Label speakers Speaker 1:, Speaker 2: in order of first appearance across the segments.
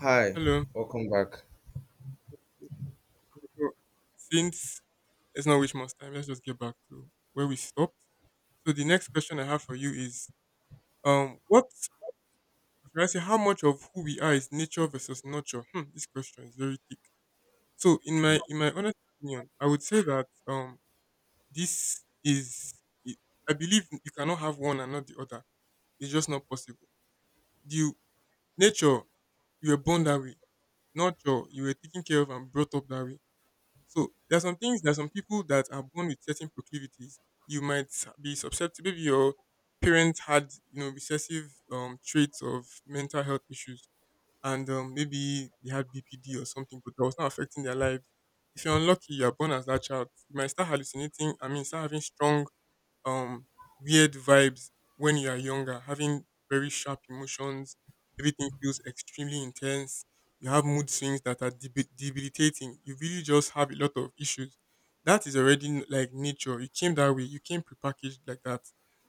Speaker 1: Hi,
Speaker 2: Hello.
Speaker 1: welcome back.
Speaker 2: So since let's not waste much time, let's just get back to where we stopped. So the next question I have for you is, what should I say? How much of who we are is nature versus nurture? Hmm, this question is very thick. So in my honest opinion, I would say that this is it- I believe you cannot have one and not the other. It's just not possible. You nature you were born that way. Nurture, you were taken care of and brought up that way. So there are some things, there are some people that are born with certain proclivities. You might be susceptible. Maybe your parents had, you know, recessive traits of mental health issues, and maybe they had BPD or something, but that was not affecting their lives. If you're unlucky, you are born as that child. You might start hallucinating. I mean, start having strong um weird vibes when you are younger, having very sharp emotions. Everything feels extremely intense. You have mood swings that are debilitating. You really just have a lot of issues. That is already like nature. You came that way. You came prepackaged like that.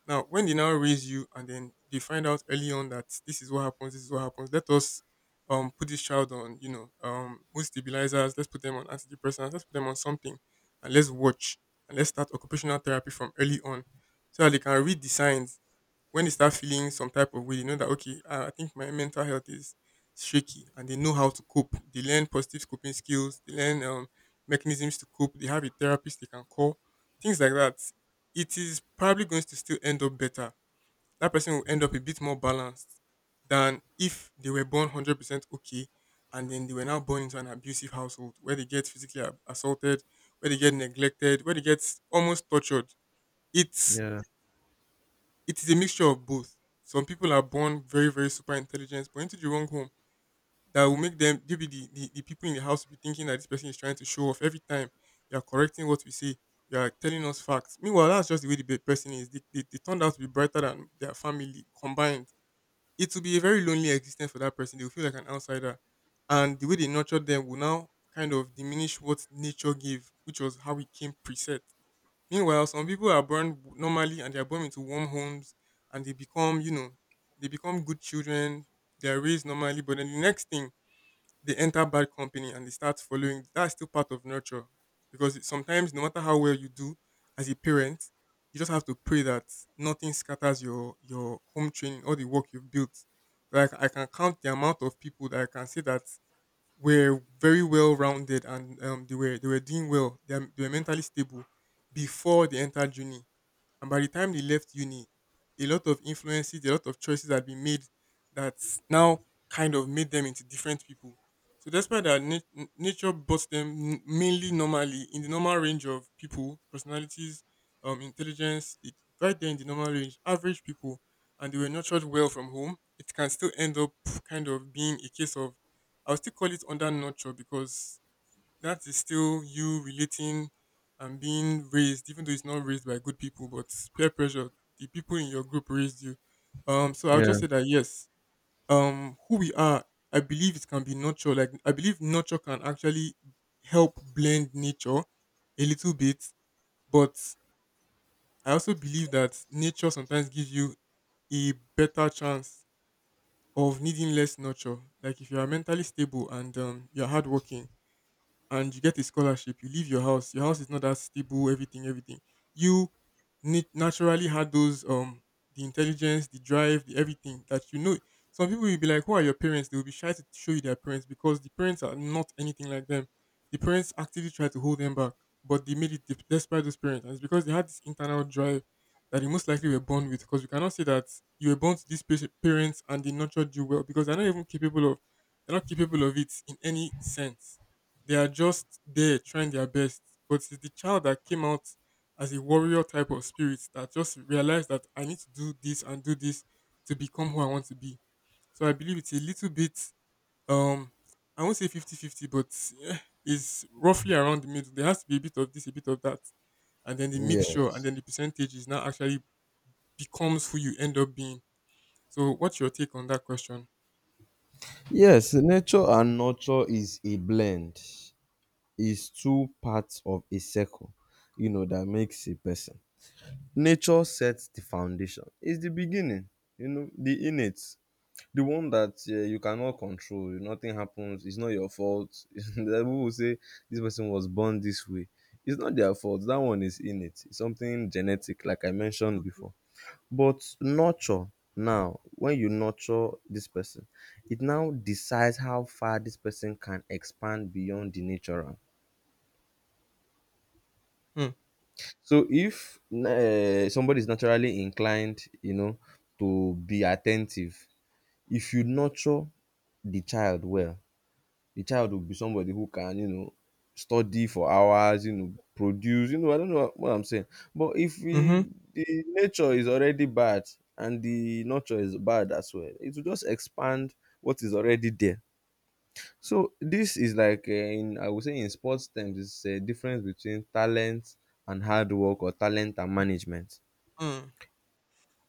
Speaker 2: Now, when they now raise you and then they find out early on that this is what happens, this is what happens. Let us put this child on, you know, mood stabilizers. Let's put them on antidepressants. Let's put them on something, and let's watch and let's start occupational therapy from early on so that they can read the signs. When they start feeling some type of way, you know that okay, I think my mental health is shaky, and they know how to cope. They learn positive coping skills. They learn mechanisms to cope. They have a therapist they can call, things like that. It is probably going to still end up better. That person will end up a bit more balanced than if they were born 100% okay, and then they were now born into an abusive household where they get physically assaulted, where they get neglected, where they get almost tortured. It's
Speaker 1: Yeah,
Speaker 2: it is a mixture of both. Some people are born very, very super intelligent, but into the wrong home that will make them maybe the people in the house will be thinking that this person is trying to show off. Every time you are correcting what we say, you are telling us facts. Meanwhile, that's just the way the person is. They turned out to be brighter than their family combined. It will be a very lonely existence for that person. They will feel like an outsider. And the way they nurtured them will now kind of diminish what nature gave, which was how it came preset. Meanwhile, some people are born normally and they are born into warm homes and they become, you know, they become good children. They are raised normally, but then the next thing they enter bad company and they start following. That's still part of nurture because sometimes no matter how well you do as a parent, you just have to pray that nothing scatters your home training or the work you've built. Like I can count the amount of people that I can say that were very well rounded and they were doing well. They were mentally stable before they entered uni. And by the time they left uni, a lot of influences, a lot of choices had been made that now kind of made them into different people. So despite that, nature brought them mainly normally in the normal range of people, personalities, intelligence, it, right there in the normal range, average people, and they were nurtured well from home. It can still end up kind of being a case of, I will still call it under nurture because that is still you relating and being raised, even though it's not raised by good people, but peer pressure, the people in your group raised you. So I'll
Speaker 1: yeah,
Speaker 2: just say that yes, who we are, I believe it can be nurture. Like I believe nurture can actually help blend nature a little bit, but I also believe that nature sometimes gives you a better chance of needing less nurture. Like if you are mentally stable and you're hardworking and you get a scholarship, you leave your house is not that stable, everything. You Naturally, had those the intelligence, the drive, the everything that you know. Some people will be like, who are your parents? They will be shy to show you their parents because the parents are not anything like them. The parents actively try to hold them back, but they made it despite those parents. And it's because they had this internal drive that they most likely were born with. Because you cannot say that you were born to these parents and they nurtured you well because they're not capable of it in any sense. They are just there trying their best. But it's the child that came out as a warrior type of spirit that just realized that I need to do this and do this to become who I want to be. So I believe it's a little bit, um, I won't say 50-50, but eh, it's roughly around the middle. There has to be a bit of this, a bit of that. And then the mixture and
Speaker 1: Yes.
Speaker 2: then the percentage is now actually becomes who you end up being. So what's your take on that question?
Speaker 1: Yes, nature and nurture is a blend, is two parts of a circle, you know, that makes a person. Nature sets the foundation, it's the beginning, you know, the innate, the one that you cannot control, nothing happens, it's not your fault. The people will say this person was born this way. It's not their fault, that one is innate, it's something genetic, like I mentioned
Speaker 2: Mhm.
Speaker 1: before. But nurture now, when you nurture this person, it now decides how far this person can expand beyond the natural.
Speaker 2: Hmm.
Speaker 1: So if somebody is naturally inclined, you know, to be attentive, if you nurture the child well, the child will be somebody who can, you know, study for hours, you know, produce, you know, I don't know what I'm saying. But if we,
Speaker 2: Mhm.
Speaker 1: the nature is already bad and the nurture is bad as well, it will just expand what is already there. So this is like in I would say in sports terms, it's a difference between talent and hard work, or talent and management.
Speaker 2: Hmm.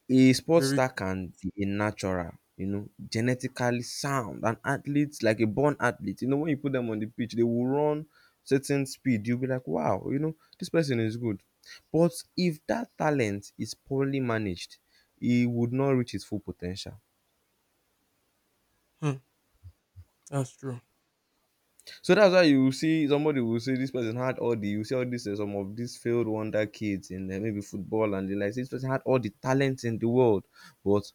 Speaker 1: A sports
Speaker 2: Very good.
Speaker 1: star can be a natural, you know, genetically sound, an athlete, like a born athlete. You know, when you put them on the pitch, they will run certain speed. You'll be like, wow, you know, this person is good. But if that talent is poorly managed, he would not reach his full potential.
Speaker 2: Hmm. That's true.
Speaker 1: So that's why you see somebody will say this person had all the, you see all this, some of these failed wonder kids in maybe football and the like. This person had all the talent in the world, but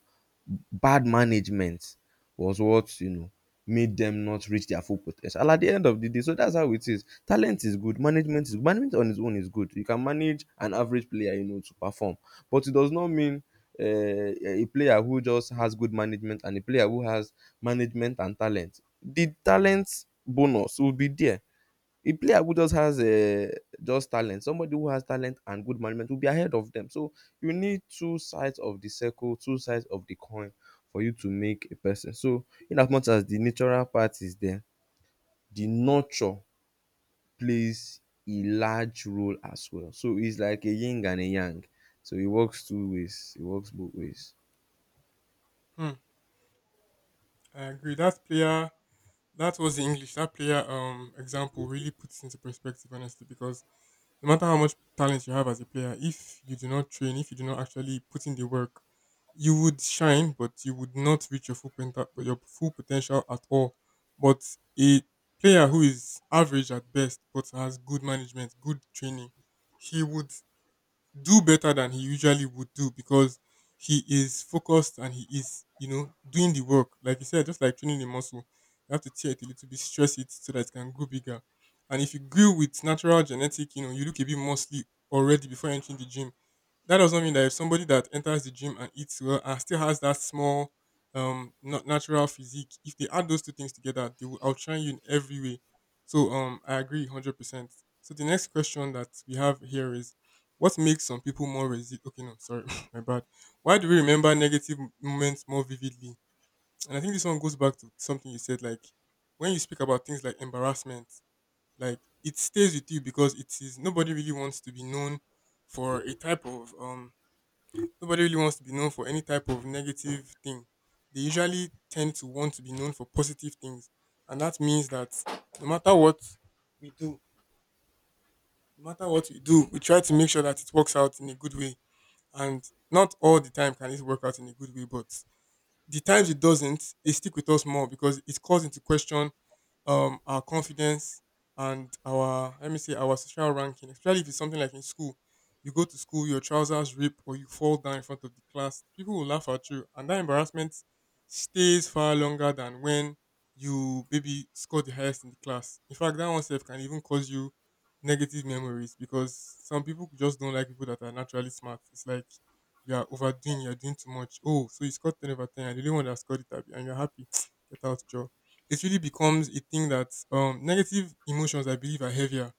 Speaker 1: bad management was what, you know, made them not reach their full potential. And at the end of the day, so that's how it is. Talent is good, management is, management on its own is good. You can manage an average player, you know, to perform, but it does not mean a player who just has good management and a player who has management and talent. The talent bonus will be there. A player who just has a just talent, somebody who has talent and good management will be ahead of them. So you need two sides of the circle, two sides of the coin for you to make a person. So in as much as the natural part is there, the nurture plays a large role as well. So it's like a yin and a yang. So it works two ways. It works both ways.
Speaker 2: Hmm. I agree. That's player. That was the English. That player example really puts into perspective, honestly, because no matter how much talent you have as a player, if you do not train, if you do not actually put in the work, you would shine, but you would not reach your your full potential at all. But a player who is average at best, but has good management, good training, he would do better than he usually would do because he is focused and he is, you know, doing the work. Like you said, just like training a muscle, you have to tear it a little bit, stress it so that it can grow bigger. And if you grew with natural genetic, you know, you look a bit muscly already before entering the gym. That doesn't mean that if somebody that enters the gym and eats well and still has that small, not natural physique, if they add those two things together, they will outshine you in every way. So, I agree 100%. So the next question that we have here is what makes some people more resilient? Okay, no, sorry, my bad. Why do we remember negative moments more vividly? And I think this one goes back to something you said, like when you speak about things like embarrassment, like it stays with you because it is nobody really wants to be known for a type of nobody really wants to be known for any type of negative thing. They usually tend to want to be known for positive things, and that means that no matter what we do, no matter what we do, we try to make sure that it works out in a good way. And not all the time can it work out in a good way, but the times it doesn't, they stick with us more because it calls into question our confidence and our, let me say, our social ranking, especially if it's something like in school. You go to school, your trousers rip or you fall down in front of the class, people will laugh at you and that embarrassment stays far longer than when you maybe score the highest in the class. In fact, that one self can even cause you negative memories because some people just don't like people that are naturally smart. It's like you are overdoing, you're doing too much. Oh, so you scored 10 over 10 and the only one that scored it, abi, and you're happy. Get out, Joe. It really becomes a thing that negative emotions, I believe, are heavier.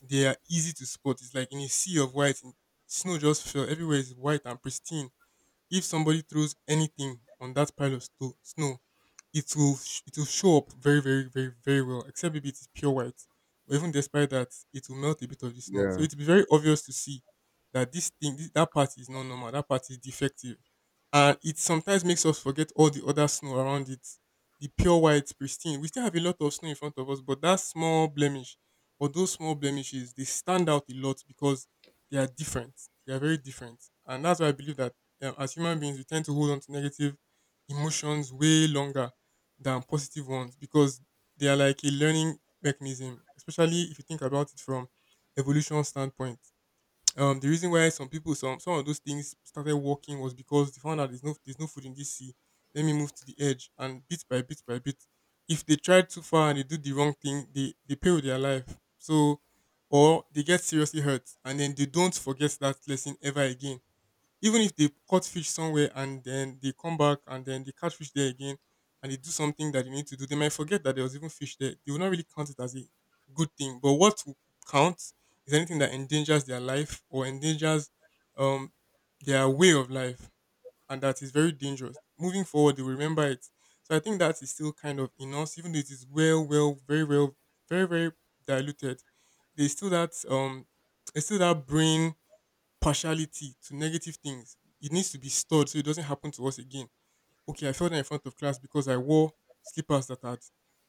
Speaker 2: They are easy to spot. It's like in a sea of white, and snow just fell. Everywhere is white and pristine. If somebody throws anything on that pile of snow, it will show up very, very, very, very well. Except maybe it is pure white, but even despite that, it will melt a bit of the snow. So
Speaker 1: Yeah.
Speaker 2: it will be very obvious to see that that part is not normal. That part is defective, and it sometimes makes us forget all the other snow around it. The pure white, pristine. We still have a lot of snow in front of us, but that small blemish or those small blemishes they stand out a lot because they are different. They are very different, and that's why I believe that as human beings we tend to hold on to negative emotions way longer than positive ones because they are like a learning mechanism, especially if you think about it from evolution standpoint. The reason why some people, some of those things started working was because they found out there's no food in this sea. Let me move to the edge and bit by bit by bit. If they try too far and they do the wrong thing, they pay with their life. So, or they get seriously hurt and then they don't forget that lesson ever again, even if they caught fish somewhere and then they come back and then they catch fish there again and they do something that they need to do, they might forget that there was even fish there. They will not really count it as a good thing. But what will count is anything that endangers their life or endangers um their way of life, and that is very dangerous. Moving forward, they will remember it. So I think that is still kind of in us, even though it is very, very diluted. There's still that um, there's still that brain partiality to negative things. It needs to be stored so it doesn't happen to us again. Okay, I fell down in front of class because I wore slippers that had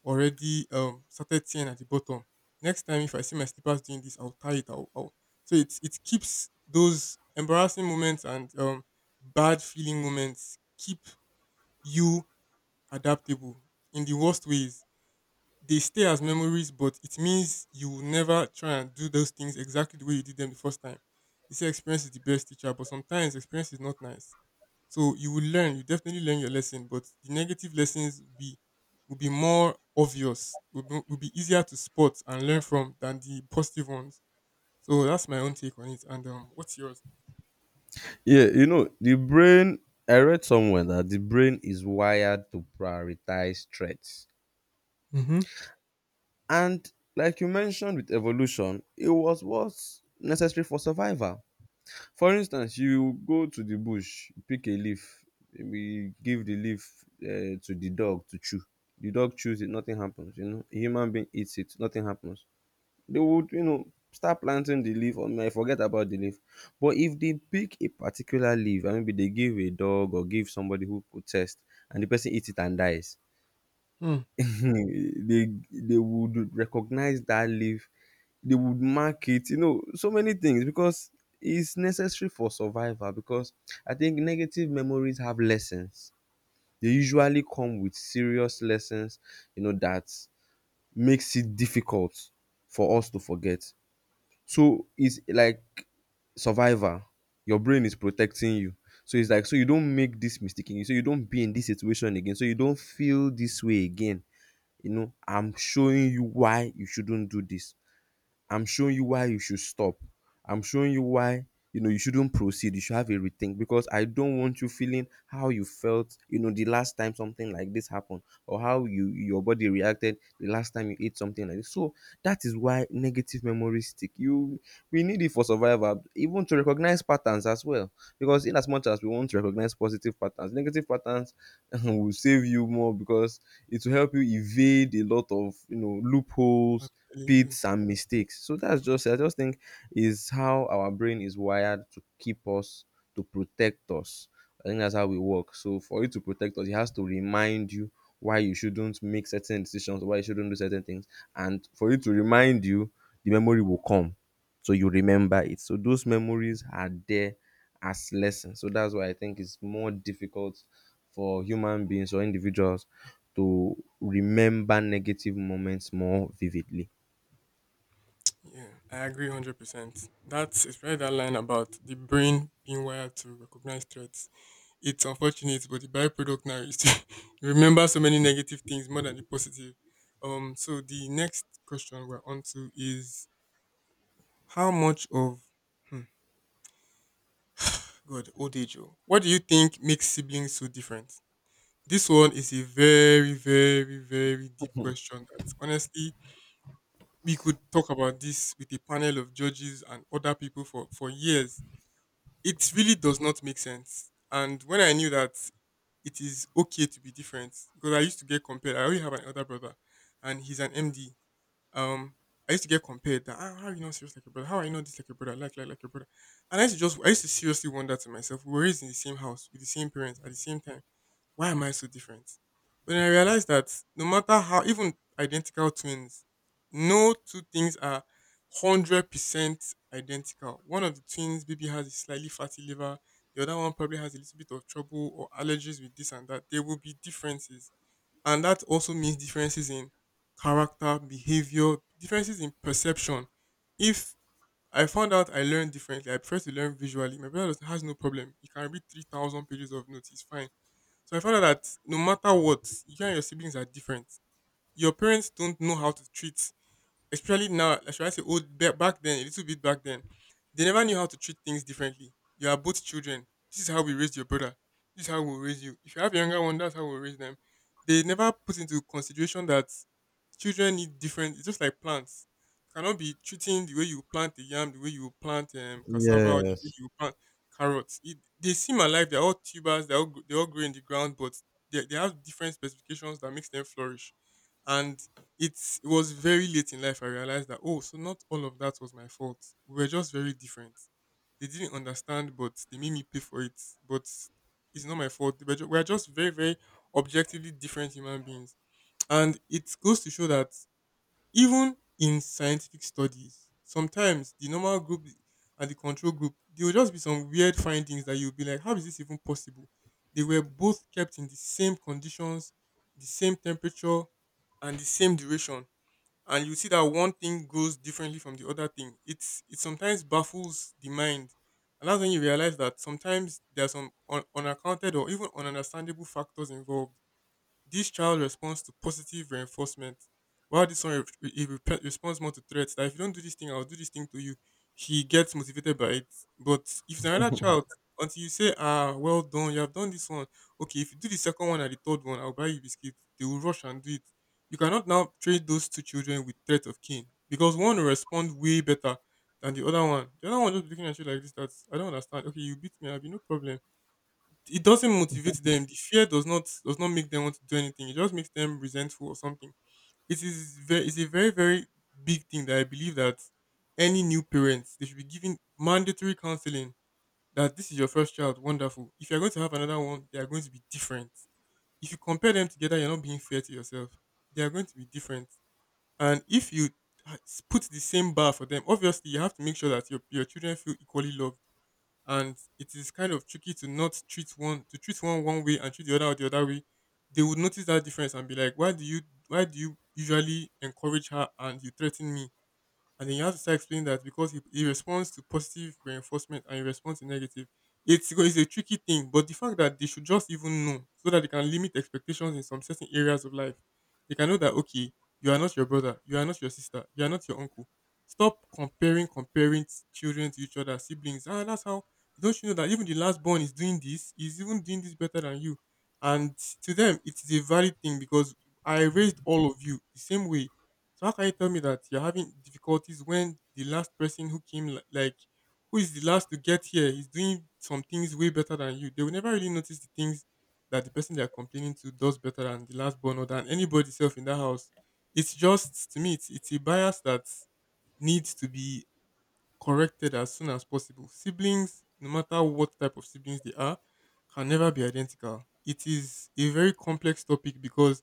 Speaker 2: already started tearing at the bottom. Next time, if I see my slippers doing this, I'll tie it. I'll, I'll. So it keeps those embarrassing moments, and bad feeling moments keep you adaptable in the worst ways. They stay as memories, but it means you will never try and do those things exactly the way you did them the first time. They say experience is the best teacher, but sometimes experience is not nice. So you will learn, you definitely learn your lesson, but the negative lessons will be more obvious, will be easier to spot and learn from than the positive ones. So that's my own take on it. And what's yours?
Speaker 1: Yeah, you know, the brain, I read somewhere that the brain is wired to prioritize threats.
Speaker 2: Mm-hmm.
Speaker 1: And like you mentioned with evolution, it was what's necessary for survival. For instance, you go to the bush, pick a leaf, we give the leaf to the dog to chew. The dog chews it, nothing happens. You know, a human being eats it, nothing happens, they would, you know, start planting the leaf or may forget about the leaf. But if they pick a particular leaf and maybe they give a dog or give somebody who protests, and the person eats it and dies,
Speaker 2: Hmm.
Speaker 1: they would recognize that leaf, they would mark it, you know, so many things, because it's necessary for survival. Because I think negative memories have lessons, they usually come with serious lessons, you know, that makes it difficult for us to forget. So it's like survivor. Your brain is protecting you. So it's like so you don't make this mistake again. So you don't be in this situation again. So you don't feel this way again. You know, I'm showing you why you shouldn't do this. I'm showing you why you should stop. I'm showing you why, you know, you shouldn't proceed. You should have a rethink, because I don't want you feeling how you felt, you know, the last time something like this happened, or how you, your body reacted the last time you ate something like this. So that is why negative memories stick. You, we need it for survival, even to recognize patterns as well. Because in as much as we want to recognize positive patterns, negative patterns will save you more, because it will help you evade a lot of, you know,
Speaker 2: I'm
Speaker 1: loopholes,
Speaker 2: telling you.
Speaker 1: pits and mistakes. So that's just, I just think is how our brain is wired to keep us, to protect us. I think that's how we work. So for it to protect us, it has to remind you why you shouldn't make certain decisions, why you shouldn't do certain things, and for it to remind you, the memory will come, so you remember it. So those memories are there as lessons. So that's why I think it's more difficult for human beings or individuals to remember negative moments more vividly.
Speaker 2: Yeah, I agree 100%. It's probably that line about the brain being wired to recognize threats. It's unfortunate, but the byproduct now is to you remember so many negative things more than the positive. So the next question we're on to is how much of hmm, God, old age? Oh, what do you think makes siblings so different? This one is a very, very, very deep question that honestly we could talk about this with a panel of judges and other people for years. It really does not make sense. And when I knew that it is okay to be different, because I used to get compared. I already have an elder brother, and he's an MD. Um, I used to get compared that, "Ah, how are you not serious like your brother? How are you not this like your brother? Like your brother?" And I used to seriously wonder to myself, we were raised in the same house with the same parents at the same time, why am I so different? But then I realized that no matter how, even identical twins, no two things are 100% identical. One of the twins maybe has a slightly fatty liver, the other one probably has a little bit of trouble or allergies with this and that. There will be differences. And that also means differences in character, behavior, differences in perception. If I found out I learn differently, I prefer to learn visually. My brother has no problem. He can read 3,000 pages of notes. It's fine, so I found out that no matter what, you and your siblings are different. Your parents don't know how to treat, especially now, like, should I say back then, a little bit back then, they never knew how to treat things differently. You are both children. This is how we raised your brother. This is how we'll raise you. If you have a younger one, that's how we'll raise them. They never put into consideration that children need different, it's just like plants. You cannot be treating the way you plant the yam, the way you plant cassava, or the way
Speaker 1: Yes.
Speaker 2: you plant carrots. It, they seem alive, they're all tubers, they all they all grow in the ground, but they have different specifications that makes them flourish. And it was very late in life I realized that, oh, so not all of that was my fault. We were just very different. They didn't understand, but they made me pay for it. But it's not my fault. We are just very, very objectively different human beings, and it goes to show that even in scientific studies, sometimes the normal group and the control group, there will just be some weird findings that you'll be like, how is this even possible? They were both kept in the same conditions, the same temperature, and the same duration, and you see that one thing goes differently from the other thing. It's it sometimes baffles the mind, and that's when you realize that sometimes there are some unaccounted or even ununderstandable factors involved. This child responds to positive reinforcement, while this one responds more to threats. That if you don't do this thing, I'll do this thing to you. He gets motivated by it. But if it's another child, until you say, ah, well done, you have done this one. Okay, if you do the second one and the third one, I'll buy you biscuit. They will rush and do it. You cannot now trade those two children with threat of cane, because one will respond way better than the other one. The other one just looking at you like this. That's, I don't understand. Okay, you beat me, I'll be no problem, it doesn't motivate them. The fear does not make them want to do anything. It just makes them resentful or something. It is very it's a very, very big thing that I believe that any new parents, they should be given mandatory counseling that this is your first child, wonderful. If you're going to have another one, they are going to be different. If you compare them together, you're not being fair to yourself. They are going to be different. And if you uh, put the same bar for them, obviously you have to make sure that your children feel equally loved, and it is kind of tricky to not treat one, to treat one way and treat the other way. They would notice that difference and be like, why do you usually encourage her and you threaten me? And then you have to start explaining that because he responds to positive reinforcement and he responds to negative. It's a tricky thing, but the fact that they should just even know so that they can limit expectations in some certain areas of life, they can know that, okay, you are not your brother, you are not your sister, you are not your uncle. Stop children to each other, siblings. Ah, that's how, don't you know that even the last born is doing this, is even doing this better than you? And to them, it is a valid thing because I raised all of you the same way, so how can you tell me that you're having difficulties when the last person who came, li- like, who is the last to get here, is doing some things way better than you? They will never really notice the things that the person they are complaining to does better than the last born or than anybody self in that house. It's just, to me, it's a bias that needs to be corrected as soon as possible. Siblings, no matter what type of siblings they are, can never be identical. It is a very complex topic because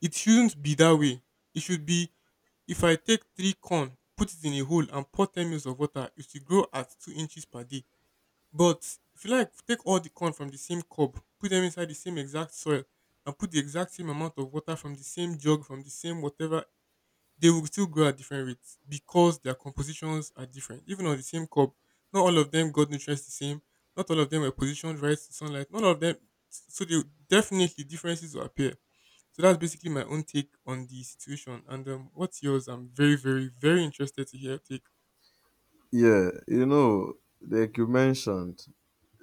Speaker 2: it shouldn't be that way. It should be, if I take three corn, put it in a hole and pour 10 mils of water, it should grow at 2 inches per day. But if you like, take all the corn from the same cob, put them inside the same exact soil, and put the exact same amount of water from the same jug, from the same whatever they will still grow at different rates because their compositions are different. Even on the same cob, not all of them got nutrients the same. Not all of them were positioned right to sunlight. None of them. So they definitely differences will appear. So that's basically my own take on the situation. And what's yours? I'm very, very, very interested to hear your take.
Speaker 1: Yeah, you know, like you mentioned,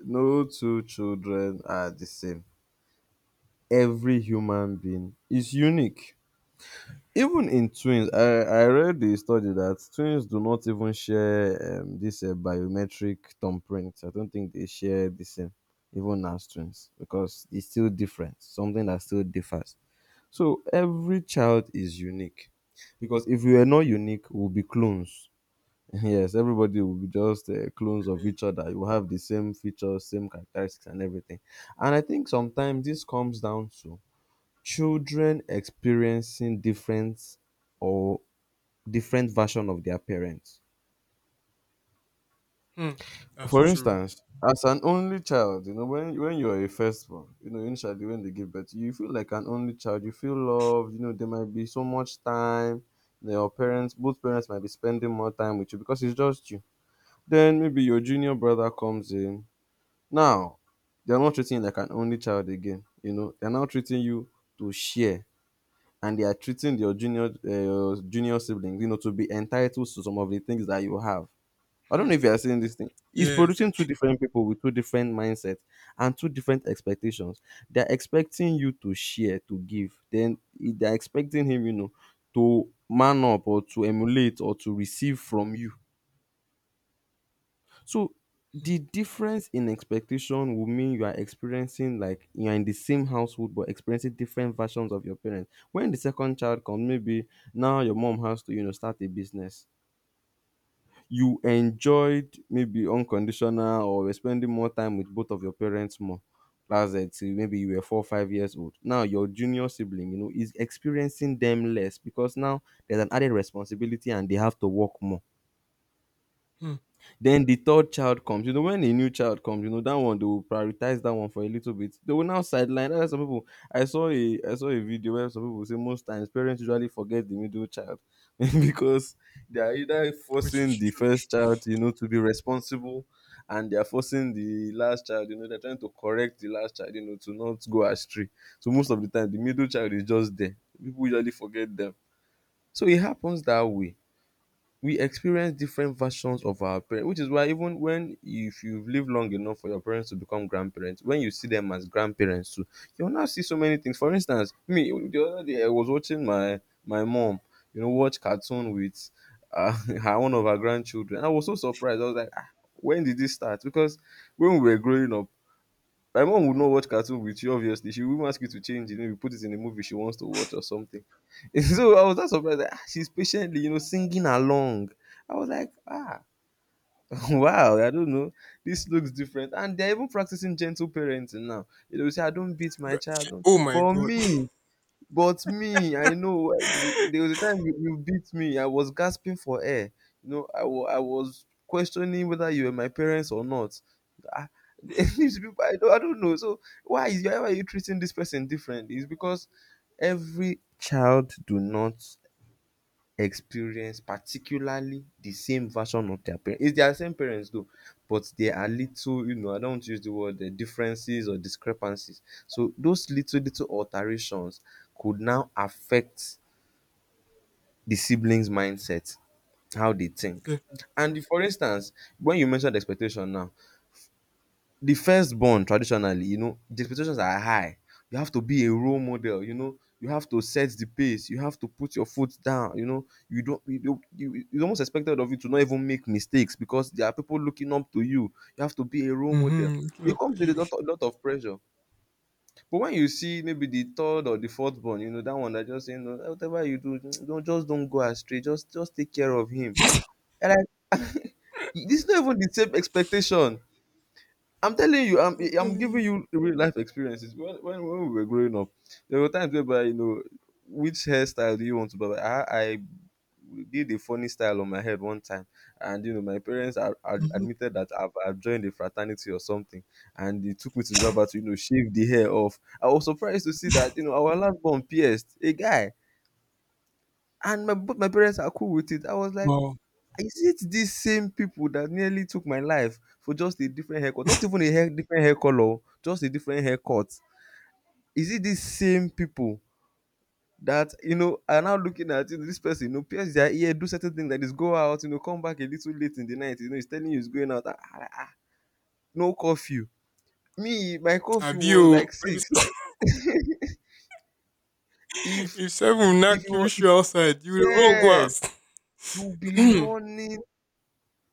Speaker 1: no two children are the same. Every human being is unique. Even in twins, I read the study that twins do not even share this biometric thumbprint. I don't think they share the same, even as twins, because it's still different, something that still differs. So every child is unique, because if we were not unique, we'll be clones. Yes, everybody will be just clones of each other. You have the same features, same characteristics, and everything. And I think sometimes this comes down to children experiencing different, or different version of their parents.
Speaker 2: Hmm. That's
Speaker 1: For
Speaker 2: true.
Speaker 1: instance, as an only child, you know, when you're a firstborn, you know, initially when they give birth, you feel like an only child. You feel loved. You know, there might be so much time. You know, your parents, both parents, might be spending more time with you because it's just you. Then maybe your junior brother comes in. Now, they're not treating you like an only child again. You know, they're now treating you to share, and they are treating your junior siblings, you know, to be entitled to some of the things that you have. I don't know
Speaker 2: Hmm.
Speaker 1: if you are seeing this thing. It's
Speaker 2: Yes.
Speaker 1: producing two
Speaker 2: I,
Speaker 1: different people with two different mindsets and two different expectations. They're expecting you to share, to give. Then they're expecting him, you know, to man up or to emulate or to receive from you. So
Speaker 2: hmm.
Speaker 1: the difference in expectation will mean you are experiencing like you are in the same household but experiencing different versions of your parents. When the second child comes, maybe now your mom has to, you know, start a business. You enjoyed maybe unconditional, or you spending more time with both of your parents more. That's it. Till maybe you were 4 or 5 years old. Now your junior sibling, you know, is experiencing them less because now there's an added responsibility and they have to work more.
Speaker 2: hmm,
Speaker 1: Then the third child comes. You know, when a new child comes, you know that one, they will prioritize that one for a little bit. They will now sideline. That's why some people, I saw a video where some people say most times parents usually forget the middle child because they are either
Speaker 2: Which
Speaker 1: forcing
Speaker 2: is
Speaker 1: the first child, you know, to be responsible, and they are forcing the last child. You know, they're trying to correct the last child, you know, to not go astray. So most of the time, the middle child is just there. People usually forget them. So it happens that way. We experience different versions of our parents, which is why even when, if you've lived long enough for your parents to become grandparents, when you see them as grandparents too, you'll now see so many things. For instance, me the other day I was watching my my mom, you know, watch cartoon with uh, her, one of her grandchildren. I was so surprised. I was like, ah, when did this start? Because when we were growing up, my mom would not watch cartoon with you, obviously. She wouldn't ask you to change it, maybe put it in a movie she wants to watch or something. So I was not surprised that, ah, she's patiently, you know, singing along. I was like, ah, wow, I don't know. This looks different. And they're even practicing gentle parenting now. You know, say, I don't beat my
Speaker 2: right.
Speaker 1: child. Don't.
Speaker 2: Oh my
Speaker 1: But
Speaker 2: god.
Speaker 1: me, but me, I know, eh, there was a time you, you beat me. I was gasping for air. You know, I was questioning whether you were my parents or not. Ah, these people, I don't know. So why are you treating this person differently? It's because every child do not experience particularly the same version of their parents. It's their same parents though, but there are little, you know, I don't want to use the word differences or discrepancies. So those little alterations could now affect the siblings' mindset, how they think. And if for instance, when you mentioned expectation now, the firstborn, traditionally, the expectations are high. You have to be a role model, you have to set the pace, you have to put your foot down, you don't you don't you it's almost expected of you to not even make mistakes because there are people looking up to you. You have to be a role
Speaker 2: Yeah.
Speaker 1: model. It
Speaker 2: Mm-hmm.
Speaker 1: comes with
Speaker 2: you.
Speaker 1: a lot of pressure. But when you see maybe the third or the fourth born, that one, that just saying, no, whatever you do, don't, just don't go astray, just take care of him. And I this is not even the same expectation. I'm telling you, I'm
Speaker 2: I'm
Speaker 1: I'm
Speaker 2: telling
Speaker 1: giving
Speaker 2: you.
Speaker 1: you real life experiences. When we were growing up, there were times whereby which hairstyle do you want to buy? Like, I did a funny style on my head one time, and my parents are
Speaker 2: Mm-hmm.
Speaker 1: admitted that I've joined a fraternity or something, and they took me to the barber to shave the hair off. I was surprised to see that our last born pierced a guy, and my parents are cool with it. I was like,
Speaker 2: Wow.
Speaker 1: is it these same people that nearly took my life for just a different haircut? Not even a hair different hair color, just a different haircut. Is it these same people that are now looking at, this person, pierce their ear, do certain things like this, go out, come back a little late in the night, he's telling you he's going out? Ah, ah, ah, ah. No curfew. Me, my curfew was
Speaker 2: Abio.
Speaker 1: like six. If
Speaker 2: If seven will
Speaker 1: if
Speaker 2: knock
Speaker 1: you
Speaker 2: you,
Speaker 1: were,
Speaker 2: wish
Speaker 1: if,
Speaker 2: you outside, you will run go
Speaker 1: yes,
Speaker 2: out.
Speaker 1: you'll be running,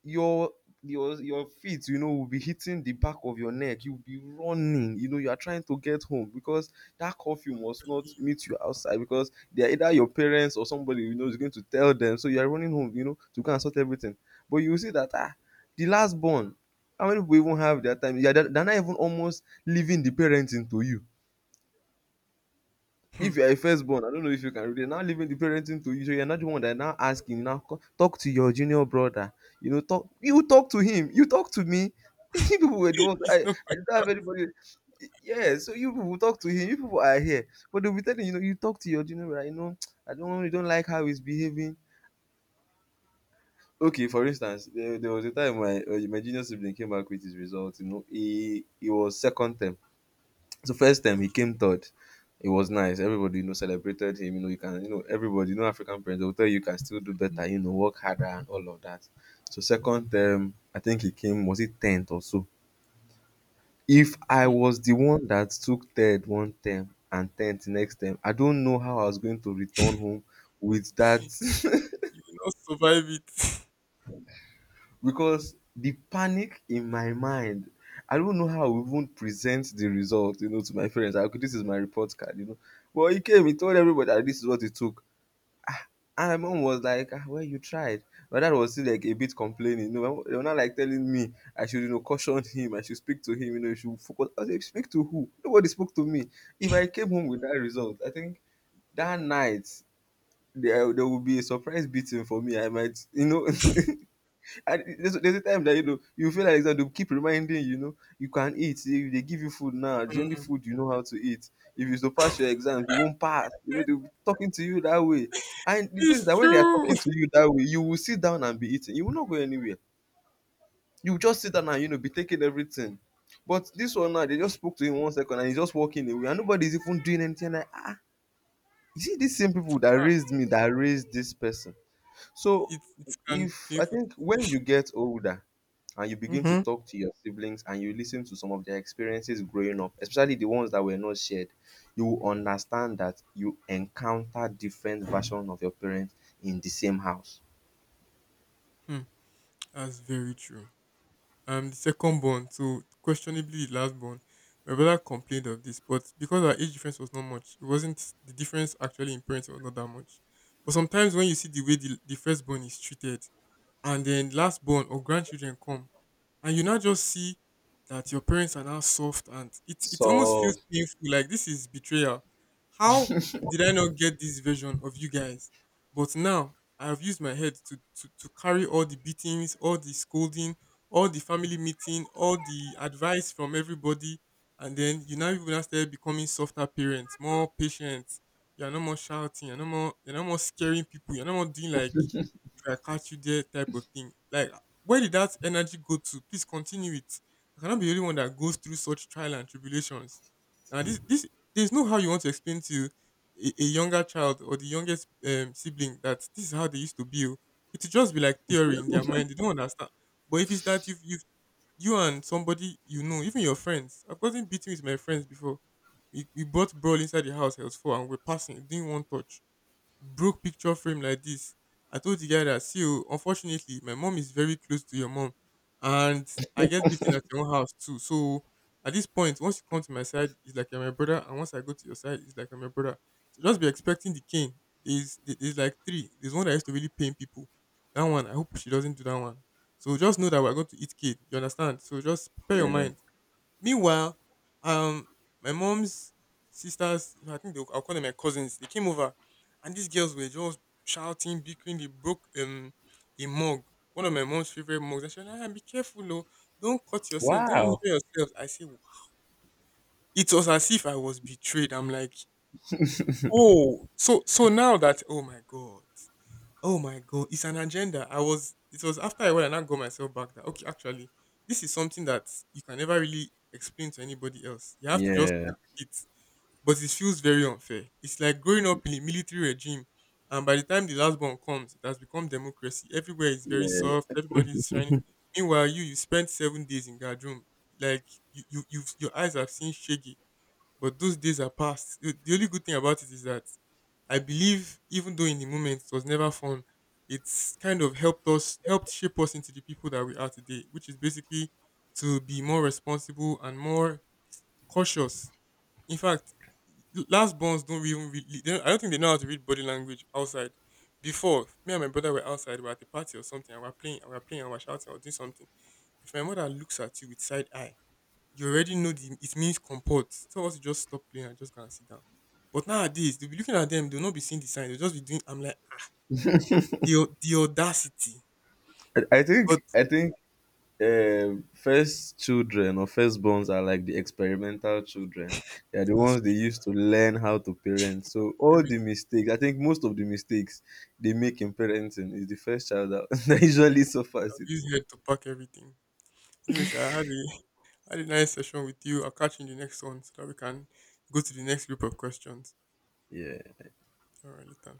Speaker 1: your your feet, will be hitting the back of your neck. You'll be running, you are trying to get home because that curfew must not meet you outside, because they are either your parents or somebody, is going to tell them, so you are running home, to go and sort everything. But you will see that, the last born, how many people even have their time? Yeah, they are not even, almost leaving the parenting to you. If
Speaker 2: Hmm.
Speaker 1: you are a firstborn, I don't know if you can read it. Now, leaving the parenting to you, so you're not the one that now asking. Now, talk to your junior brother. You know, talk. You talk to him. You talk to me. You people were the ones. I,
Speaker 2: It's not
Speaker 1: I
Speaker 2: quite
Speaker 1: didn't have anybody. Yeah, so you people talk to him. You people are here, but they'll be telling, you talk to your junior brother,. You know, I don't. You don't like how he's behaving. Okay, for instance, there was a time my junior sibling came back with his results. You know, he was second term, so first time he
Speaker 2: okay.
Speaker 1: came third. It was nice. Everybody, celebrated him. You know, you can, everybody, African parents, they'll tell you you can still do better, work harder, and all of that. So second term, I think he came, was it 10th or so? If I
Speaker 2: Hmm.
Speaker 1: was the one that took third one term and 10th next term, I don't know how I was going to return home with that.
Speaker 2: You will not survive it.
Speaker 1: Because the panic in my mind, I don't know how I will even present the result, to my friends. Like, okay, this is my report card. But he came, he told everybody that this is what he took. And my mom was like, well, you tried. My dad was still like a bit complaining, they were not like telling me I should, caution him, I should speak to him, you should focus. I was like, speak to who? Nobody spoke to me. If I came home with that result, I think that night, there would be a surprise beating for me, I might, And there's a time that you feel like that they'll keep reminding you, you can eat. If they give you food now, it's only food you know how to eat. If you don't pass
Speaker 2: Hmm.
Speaker 1: your exams, you won't pass. You know, they'll be talking to you that way. And it is
Speaker 2: It's
Speaker 1: that when they are
Speaker 2: true.
Speaker 1: talking to you that way, you will sit down and be eating. You will not go anywhere. You will just sit down and be taking everything. But this one now, they just spoke to him one second and he's just walking away, and nobody's even doing anything. Like, you see, these same people that
Speaker 2: Ah,
Speaker 1: raised me that raised this person. So
Speaker 2: it can be
Speaker 1: if I
Speaker 2: painful.
Speaker 1: think when you get older, and you begin to
Speaker 2: Hmm.
Speaker 1: talk to your siblings and you listen to some of their experiences growing up, especially the ones that were not shared, you will understand that you encounter different versions of your parents in the same house.
Speaker 2: Hmm. That's very true. I'm the second born, so questionably the last born. My brother complained of this, but because our age difference was not much, it wasn't the difference actually in parents was not that much. But sometimes when you see the way the firstborn is treated, and then last born or grandchildren come and you now just see that your parents are now soft and it almost
Speaker 1: So
Speaker 2: feels painful like this is betrayal. How did I not get this version of you guys? But now I have used my head to to carry all the beatings, all the scolding, all the family meeting, all the advice from everybody. And then you now even now start becoming softer parents, more patient. You're no more shouting, you're no more scaring people, you're no more doing like I catch you there type of thing. Like, where did that energy go to? Please continue it. I cannot be the only one that goes through such trial and tribulations. Now, there's no how you want to explain to a younger child or the youngest sibling that this is how they used to be. Oh. It will just be like theory in their mind. They don't understand. But if it's that you've, you and somebody you know, even your friends, I've gotten beaten with my friends before. We brought brawl inside the house, it was four, and we're passing, it didn't want touch, broke picture frame like this. I told the guy that, see, oh, unfortunately, my mom is very close to your mom, and I get beaten at your own house too. So at this point, once you come to my side, it's like you're my brother, and once I go to your side, it's like I'm your brother. So just be expecting the cane. There's like three. There's one that used to really pain people. That one, I hope she doesn't do that one. So just know that we're going to eat kid. You understand? So just prepare your
Speaker 1: yeah.
Speaker 2: mind. Meanwhile, um, my mom's sisters, I think they, I'll call them my cousins, they came over and these girls were just shouting, bickering. They broke a mug, one of my mom's favorite mugs. And she was like, "Ah, be careful, oh, don't cut yourself, don't injure
Speaker 1: Wow.
Speaker 2: yourself." I say, "Wha-" it was as if I was betrayed. I'm like, oh, so so now that, oh my God. Oh my god, it's an agenda. I was, it was after I went and I got myself back that okay, actually, this is something that you can never really explain to anybody else. You have to just
Speaker 1: Yeah,
Speaker 2: cope with it. But it feels very unfair. It's like growing up in a military regime, and by the time the last one comes, it has become democracy. Everywhere is
Speaker 1: yeah.
Speaker 2: very soft. Everybody is shining. Meanwhile, you spent 7 days in guard room. Like you've, your eyes have seen shaggy but those days are past. The only good thing about it is that I believe, even though in the moment it was never fun, it's kind of helped us, helped shape us into the people that we are today, which is basically to be more responsible and more cautious. In fact, last borns don't even really, they don't, I don't think they know how to read body language outside. Before, me and my brother were outside, we were at a party or something, and we were playing, and we were playing, and we were shouting, or doing something. If my mother looks at you with side eye, you already know the, it means comport. Some of us just stop playing and just go and sit down. But nowadays, they'll be looking at them, they'll not be seeing the sign. They'll just be doing, I'm like, the audacity.
Speaker 1: I I think
Speaker 2: God
Speaker 1: I think first children or firstborns are like the experimental children. They are the
Speaker 2: has
Speaker 1: ones they used to learn how to parent, so all
Speaker 2: spirit.
Speaker 1: the mistakes I think most of the mistakes they make in parenting is the first child that, that usually suffers
Speaker 2: I've
Speaker 1: it
Speaker 2: used
Speaker 1: more.
Speaker 2: here to pack everything. Anyway, Sha, had a nice session with you. I'll catch you in the next one so that we can go to the next group of questions.
Speaker 1: Yeah.
Speaker 2: All right, later.